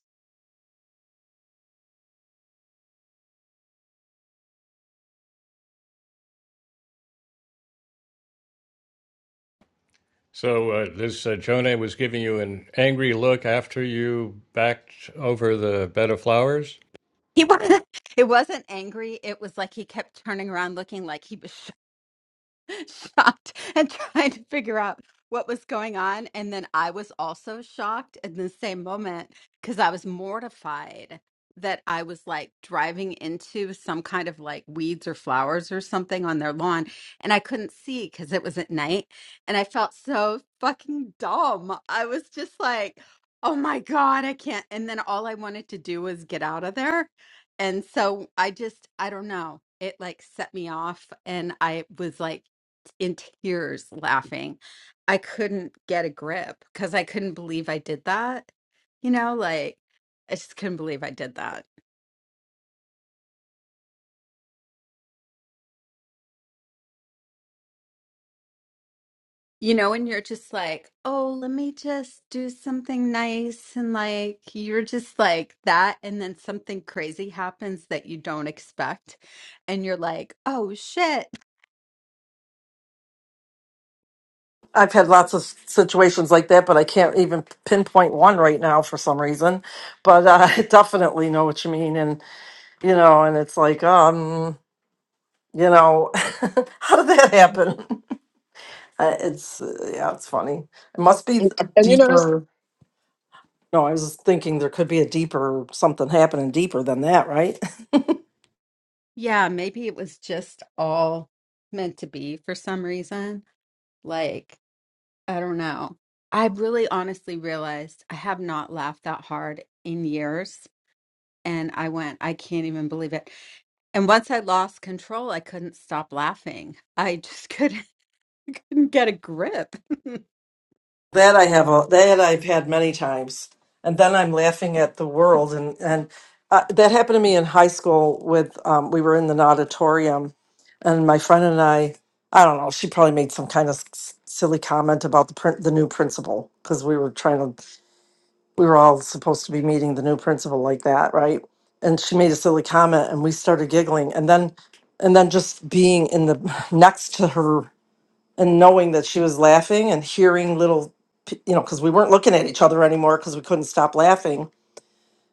Speaker 1: So uh, this uh, Jonah was giving you an angry look after you backed over the bed of flowers.
Speaker 5: He was, not it wasn't angry. It was like he kept turning around looking like he was shocked and trying to figure out what was going on. And then I was also shocked in the same moment because I was mortified that I was like driving into some kind of like weeds or flowers or something on their lawn. And I couldn't see because it was at night. And I felt so fucking dumb. I was just like, oh my God, I can't. And then all I wanted to do was get out of there. And so I just, I don't know. It like set me off. And I was like, in tears laughing. I couldn't get a grip because I couldn't believe I did that. You know, like I just couldn't believe I did that. You know, and you're just like, oh, let me just do something nice. And like, you're just like that. And then something crazy happens that you don't expect. And you're like, oh, shit.
Speaker 2: I've had lots of situations like that, but I can't even pinpoint one right now for some reason. But uh, I definitely know what you mean, and you know, and it's like, um, you know, how did that happen? Uh, It's uh, yeah, it's funny. It must be
Speaker 4: And,
Speaker 2: a
Speaker 4: and you know, that's,
Speaker 2: deeper. No, I was thinking there could be a deeper something happening deeper than that, right?
Speaker 5: Yeah, maybe it was just all meant to be for some reason. Like, I don't know. I really honestly realized I have not laughed that hard in years. And I went, I can't even believe it. And once I lost control, I couldn't stop laughing. I just couldn't, couldn't get a grip.
Speaker 2: That I have a, that I've had many times, and then I'm laughing at the world, and and uh, that happened to me in high school. With um, we were in an auditorium, and my friend and I, I don't know, she probably made some kind of s- silly comment about the prin- the new principal because we were trying to, we were all supposed to be meeting the new principal like that, right? And she made a silly comment, and we started giggling, and then and then just being in the next to her and knowing that she was laughing and hearing little p- you know because we weren't looking at each other anymore because we couldn't stop laughing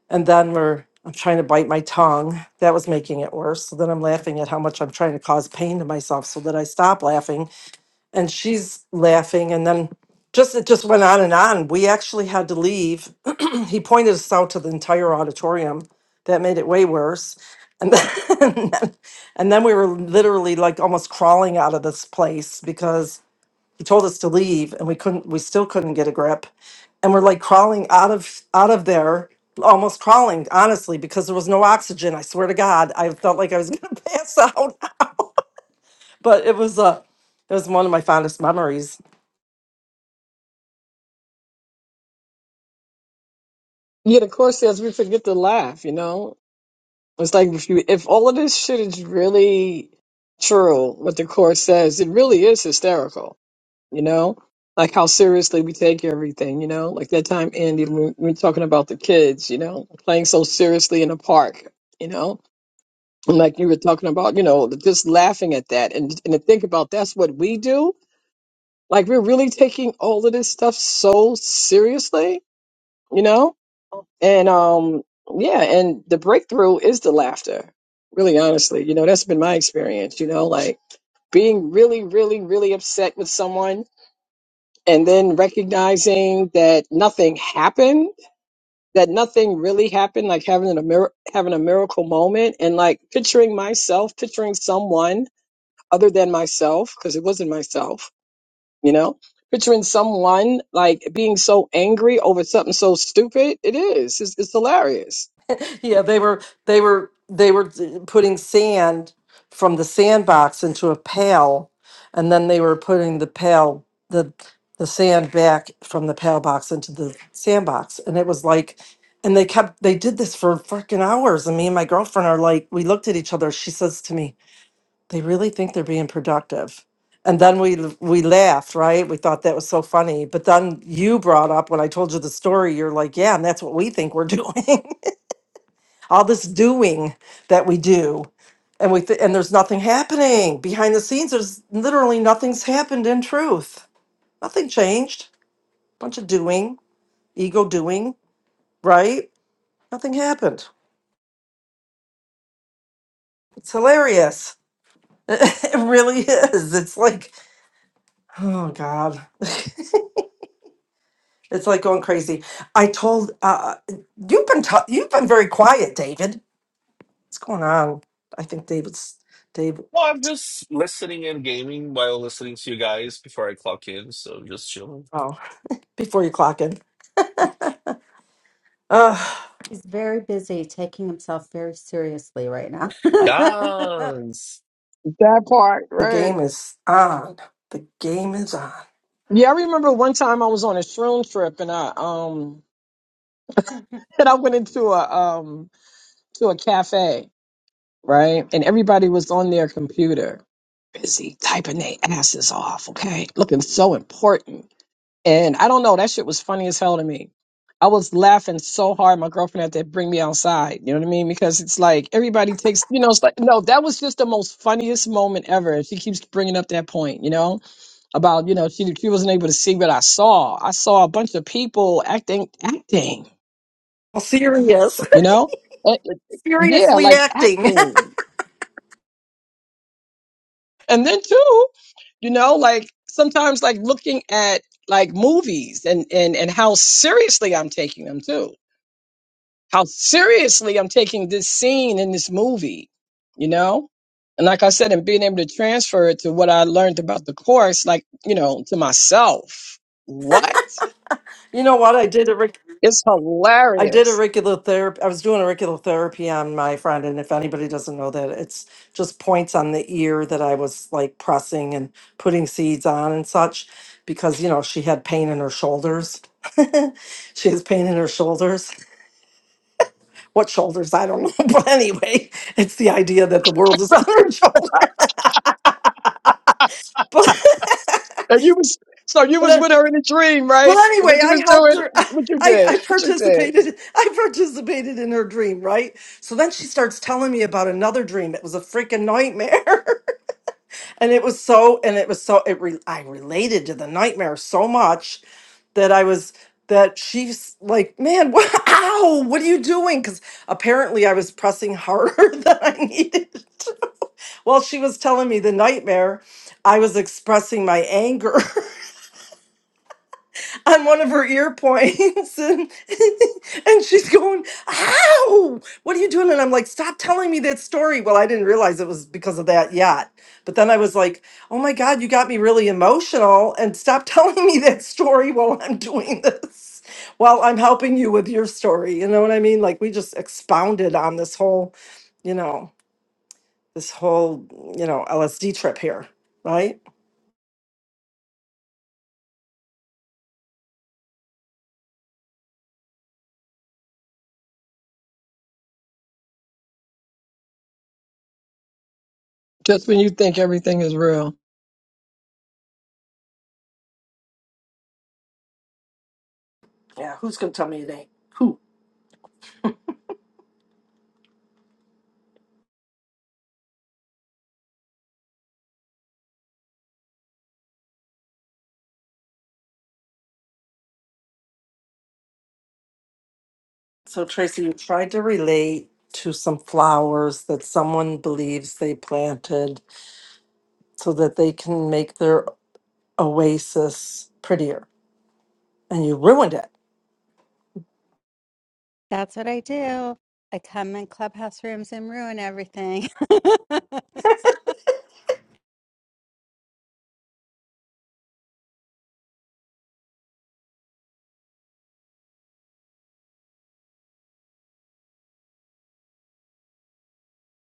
Speaker 2: and then we're i'm trying to bite my tongue that was making it worse so then i'm laughing at how much i'm trying to cause pain to myself so that i stop laughing and she's laughing and then just it just went on and on we actually had to leave he pointed us out to the entire auditorium that made it way worse and then, and then and then we were literally like almost crawling out of this place because he told us to leave and we couldn't we still couldn't get a grip and we're like crawling out of out of there almost crawling honestly because there was no oxygen i swear to god i felt like i was going to pass out but it was uh, it was one of my fondest memories
Speaker 4: yeah, the course says we forget to laugh, you know? It's like if you if all of this shit is really true, what the court says, it really is hysterical, you know? Like how seriously we take everything, you know? Like that time Andy when we were talking about the kids, you know, playing so seriously in the park, you know? And like you were talking about, you know, just laughing at that and and to think about that's what we do. Like we're really taking all of this stuff so seriously, you know? And um, yeah, and the breakthrough is the laughter. Really honestly, you know, that's been my experience, you know, like being really, really, really upset with someone and then recognizing that nothing happened, that nothing really happened, like having a mir- having a miracle moment and like picturing myself, picturing someone other than myself, because it wasn't myself, you know, picturing someone like being so angry over something so stupid. It is. It's, it's hilarious
Speaker 2: Yeah, they were they were they were d- putting sand from the sandbox into a pail, and then they were putting the pail the the sand back from the pail box into the sandbox, and it was like, and they kept they did this for freaking hours. And me and my girlfriend are like, we looked at each other. She says to me, "They really think they're being productive." And then we l- we laughed, right? We thought that was so funny. But then you brought up when I told you the story, you're like, "Yeah, and that's what we think we're doing." all this doing that we do and we th- and there's nothing happening behind the scenes there's literally nothing's happened in truth nothing changed bunch of doing ego doing right nothing happened it's hilarious it really is it's like oh god it's like going crazy i told uh you've been t- you've been very quiet david what's going on i think david's david
Speaker 3: Well, I'm just listening and gaming while listening to you guys before I clock in, so just chilling.
Speaker 2: oh before you clock in Ugh.
Speaker 5: He's very busy taking himself very seriously right now.
Speaker 3: Yes.
Speaker 4: That part,
Speaker 2: The
Speaker 4: right?
Speaker 2: game is on. The game is on.
Speaker 4: Yeah, I remember one time I was on a shroom trip and I um and I went into a um to a cafe, right? And everybody was on their computer, busy typing their asses off, okay? Looking so important. And I don't know, that shit was funny as hell to me. I was laughing so hard my girlfriend had to bring me outside. You know what I mean? Because it's like everybody takes you know, it's like no, that was just the most funniest moment ever. And she keeps bringing up that point, you know? about you know she she wasn't able to see what I saw. I saw a bunch of people acting acting,
Speaker 2: Serious,
Speaker 4: you know, Uh, yeah,
Speaker 2: seriously
Speaker 4: like
Speaker 2: acting.
Speaker 4: acting. And then too, you know, like sometimes like looking at like movies and and and how seriously I'm taking them too. How seriously I'm taking this scene in this movie, you know. And like I said, and being able to transfer it to what I learned about the course, like you know, to myself. What?
Speaker 2: you know what? I did a reg-
Speaker 4: It's
Speaker 2: I did
Speaker 4: hilarious.
Speaker 2: auricular therapy. I was doing auricular therapy on my friend, and if anybody doesn't know that, it's just points on the ear that I was like pressing and putting seeds on and such, because you know she had pain in her shoulders. she has pain in her shoulders. What shoulders? I don't know. But anyway, it's the idea that the world is on her shoulder.
Speaker 4: And you was so you
Speaker 2: but
Speaker 4: was with her in a dream,
Speaker 2: Well,
Speaker 4: right?
Speaker 2: anyway,
Speaker 4: What you
Speaker 2: I
Speaker 4: was
Speaker 2: helped
Speaker 4: doing?
Speaker 2: her.
Speaker 4: What you
Speaker 2: I, I
Speaker 4: did? What you did?
Speaker 2: participated. I participated in her dream, right? So then she starts telling me about another dream. It was a freaking nightmare, and it was so. And it was so. It re, I related to the nightmare so much that I was that she's like, man, what, ow! what are you doing? Because apparently I was pressing harder than I needed. While she was telling me the nightmare, I was expressing my anger. on one of her ear points and, and she's going ow what are you doing and i'm like stop telling me that story well i didn't realize it was because of that yet but then i was like oh my god you got me really emotional and stop telling me that story while i'm doing this while i'm helping you with your story you know what i mean like we just expounded on this whole you know this whole you know lsd trip here right
Speaker 4: Just when you think everything is real,
Speaker 2: yeah who's gonna tell me it ain't who So, Tracy, you tried to relate to some flowers that someone believes they planted so that they can make their oasis prettier, and you ruined it.
Speaker 5: That's what I do. I come in clubhouse rooms and ruin everything.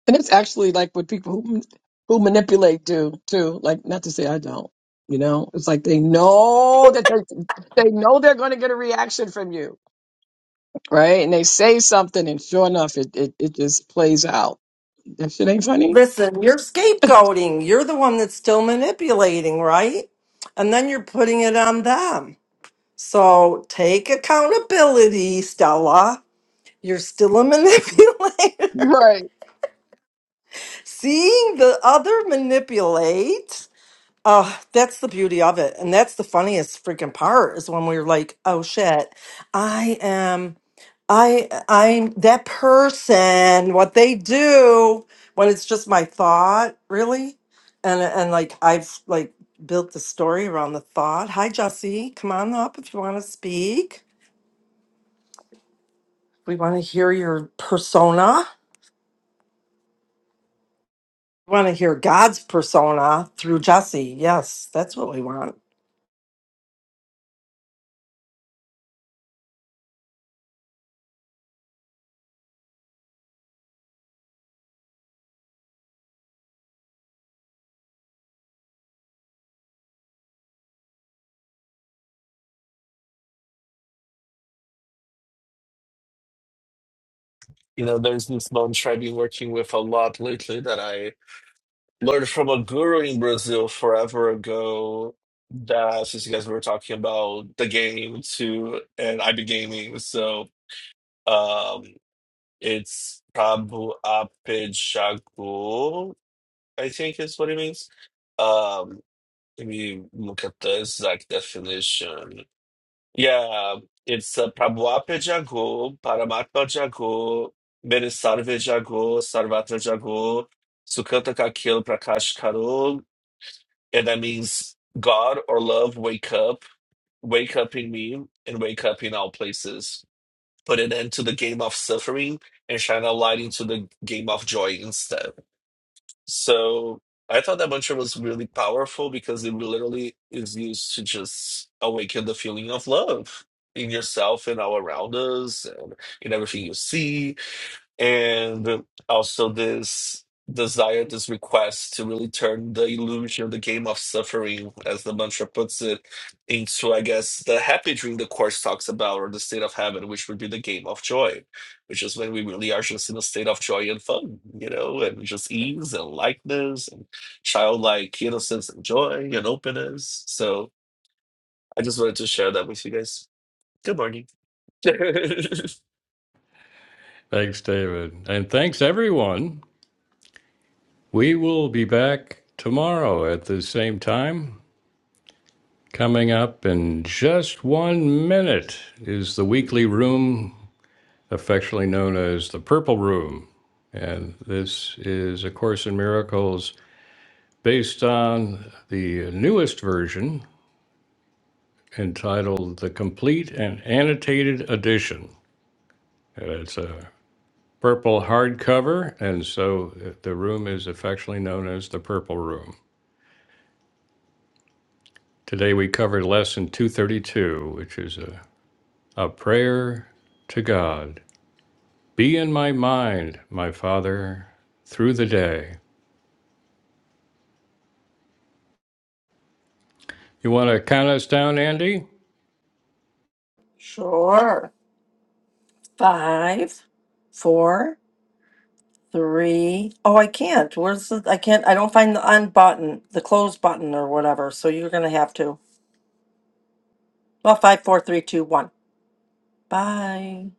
Speaker 4: and it's actually like what people who who manipulate do too. Like not to say I don't, you know. It's like they know that they they know they're going to get a reaction from you, right? And they say something, and sure enough, it it, it just plays out. That shit ain't funny,
Speaker 2: Listen, you're scapegoating. You're the one that's still manipulating, right? And then you're putting it on them. So, take accountability, Stella. You're still a manipulator.
Speaker 4: right?
Speaker 2: Seeing the other manipulate Uh, that's the beauty of it. And that's the funniest freaking part is when we're like, oh shit, I am, I, I'm that person, what they do when it's just my thought, really. And, and like, I've like built the story around the thought. Hi, Jesse, come on up if you want to speak. We want to hear your persona. We want to hear God's persona through Jesse. Yes, that's what we want.
Speaker 3: You know, there's this bunch I've been working with a lot lately that I learned from a guru in Brazil forever ago. That since you guys were talking about the game too, and I be gaming, so um, it's Prabhu Apejago. I think is what it means. Um, if you look at the exact definition, yeah, it's uh, Prabhuapa Jago, Paramatma Jago, Benisarve Jago, Sarvatra Jago, Sukanta Kakil Prakash Karo, and that means God or love, wake up, wake up in me, and wake up in all places. Put an end to the game of suffering and shine a light into the game of joy instead. So I thought that mantra was really powerful because it literally is used to just awaken the feeling of love in yourself and all around us and in everything you see and also this desire, this request to really turn the illusion of the game of suffering, as the mantra puts it, into, I guess, the happy dream the Course talks about, or the state of heaven, which would be the game of joy, which is when we really are just in a state of joy and fun, you know, and just ease and lightness and childlike innocence and joy and openness. So I just wanted to share that with you guys. Good morning.
Speaker 1: Thanks, David, and thanks everyone. We will be back tomorrow at the same time. Coming up in just one minute is the weekly room, affectionately known as the Purple Room. And this is A Course in Miracles based on the newest version entitled The Complete and Annotated Edition. And It's a purple hardcover, and so the room is affectionately known as the Purple Room. Today we covered Lesson 232, which is a, a prayer to God. Be in my mind, my Father, through the day. You want to count us down, Andy?
Speaker 2: Sure. Five, four, three. Oh, I can't. Where's the? I can't. I don't find the on button, the close button, or whatever. So you're gonna have to. Well, five, four, three, two, one. Bye.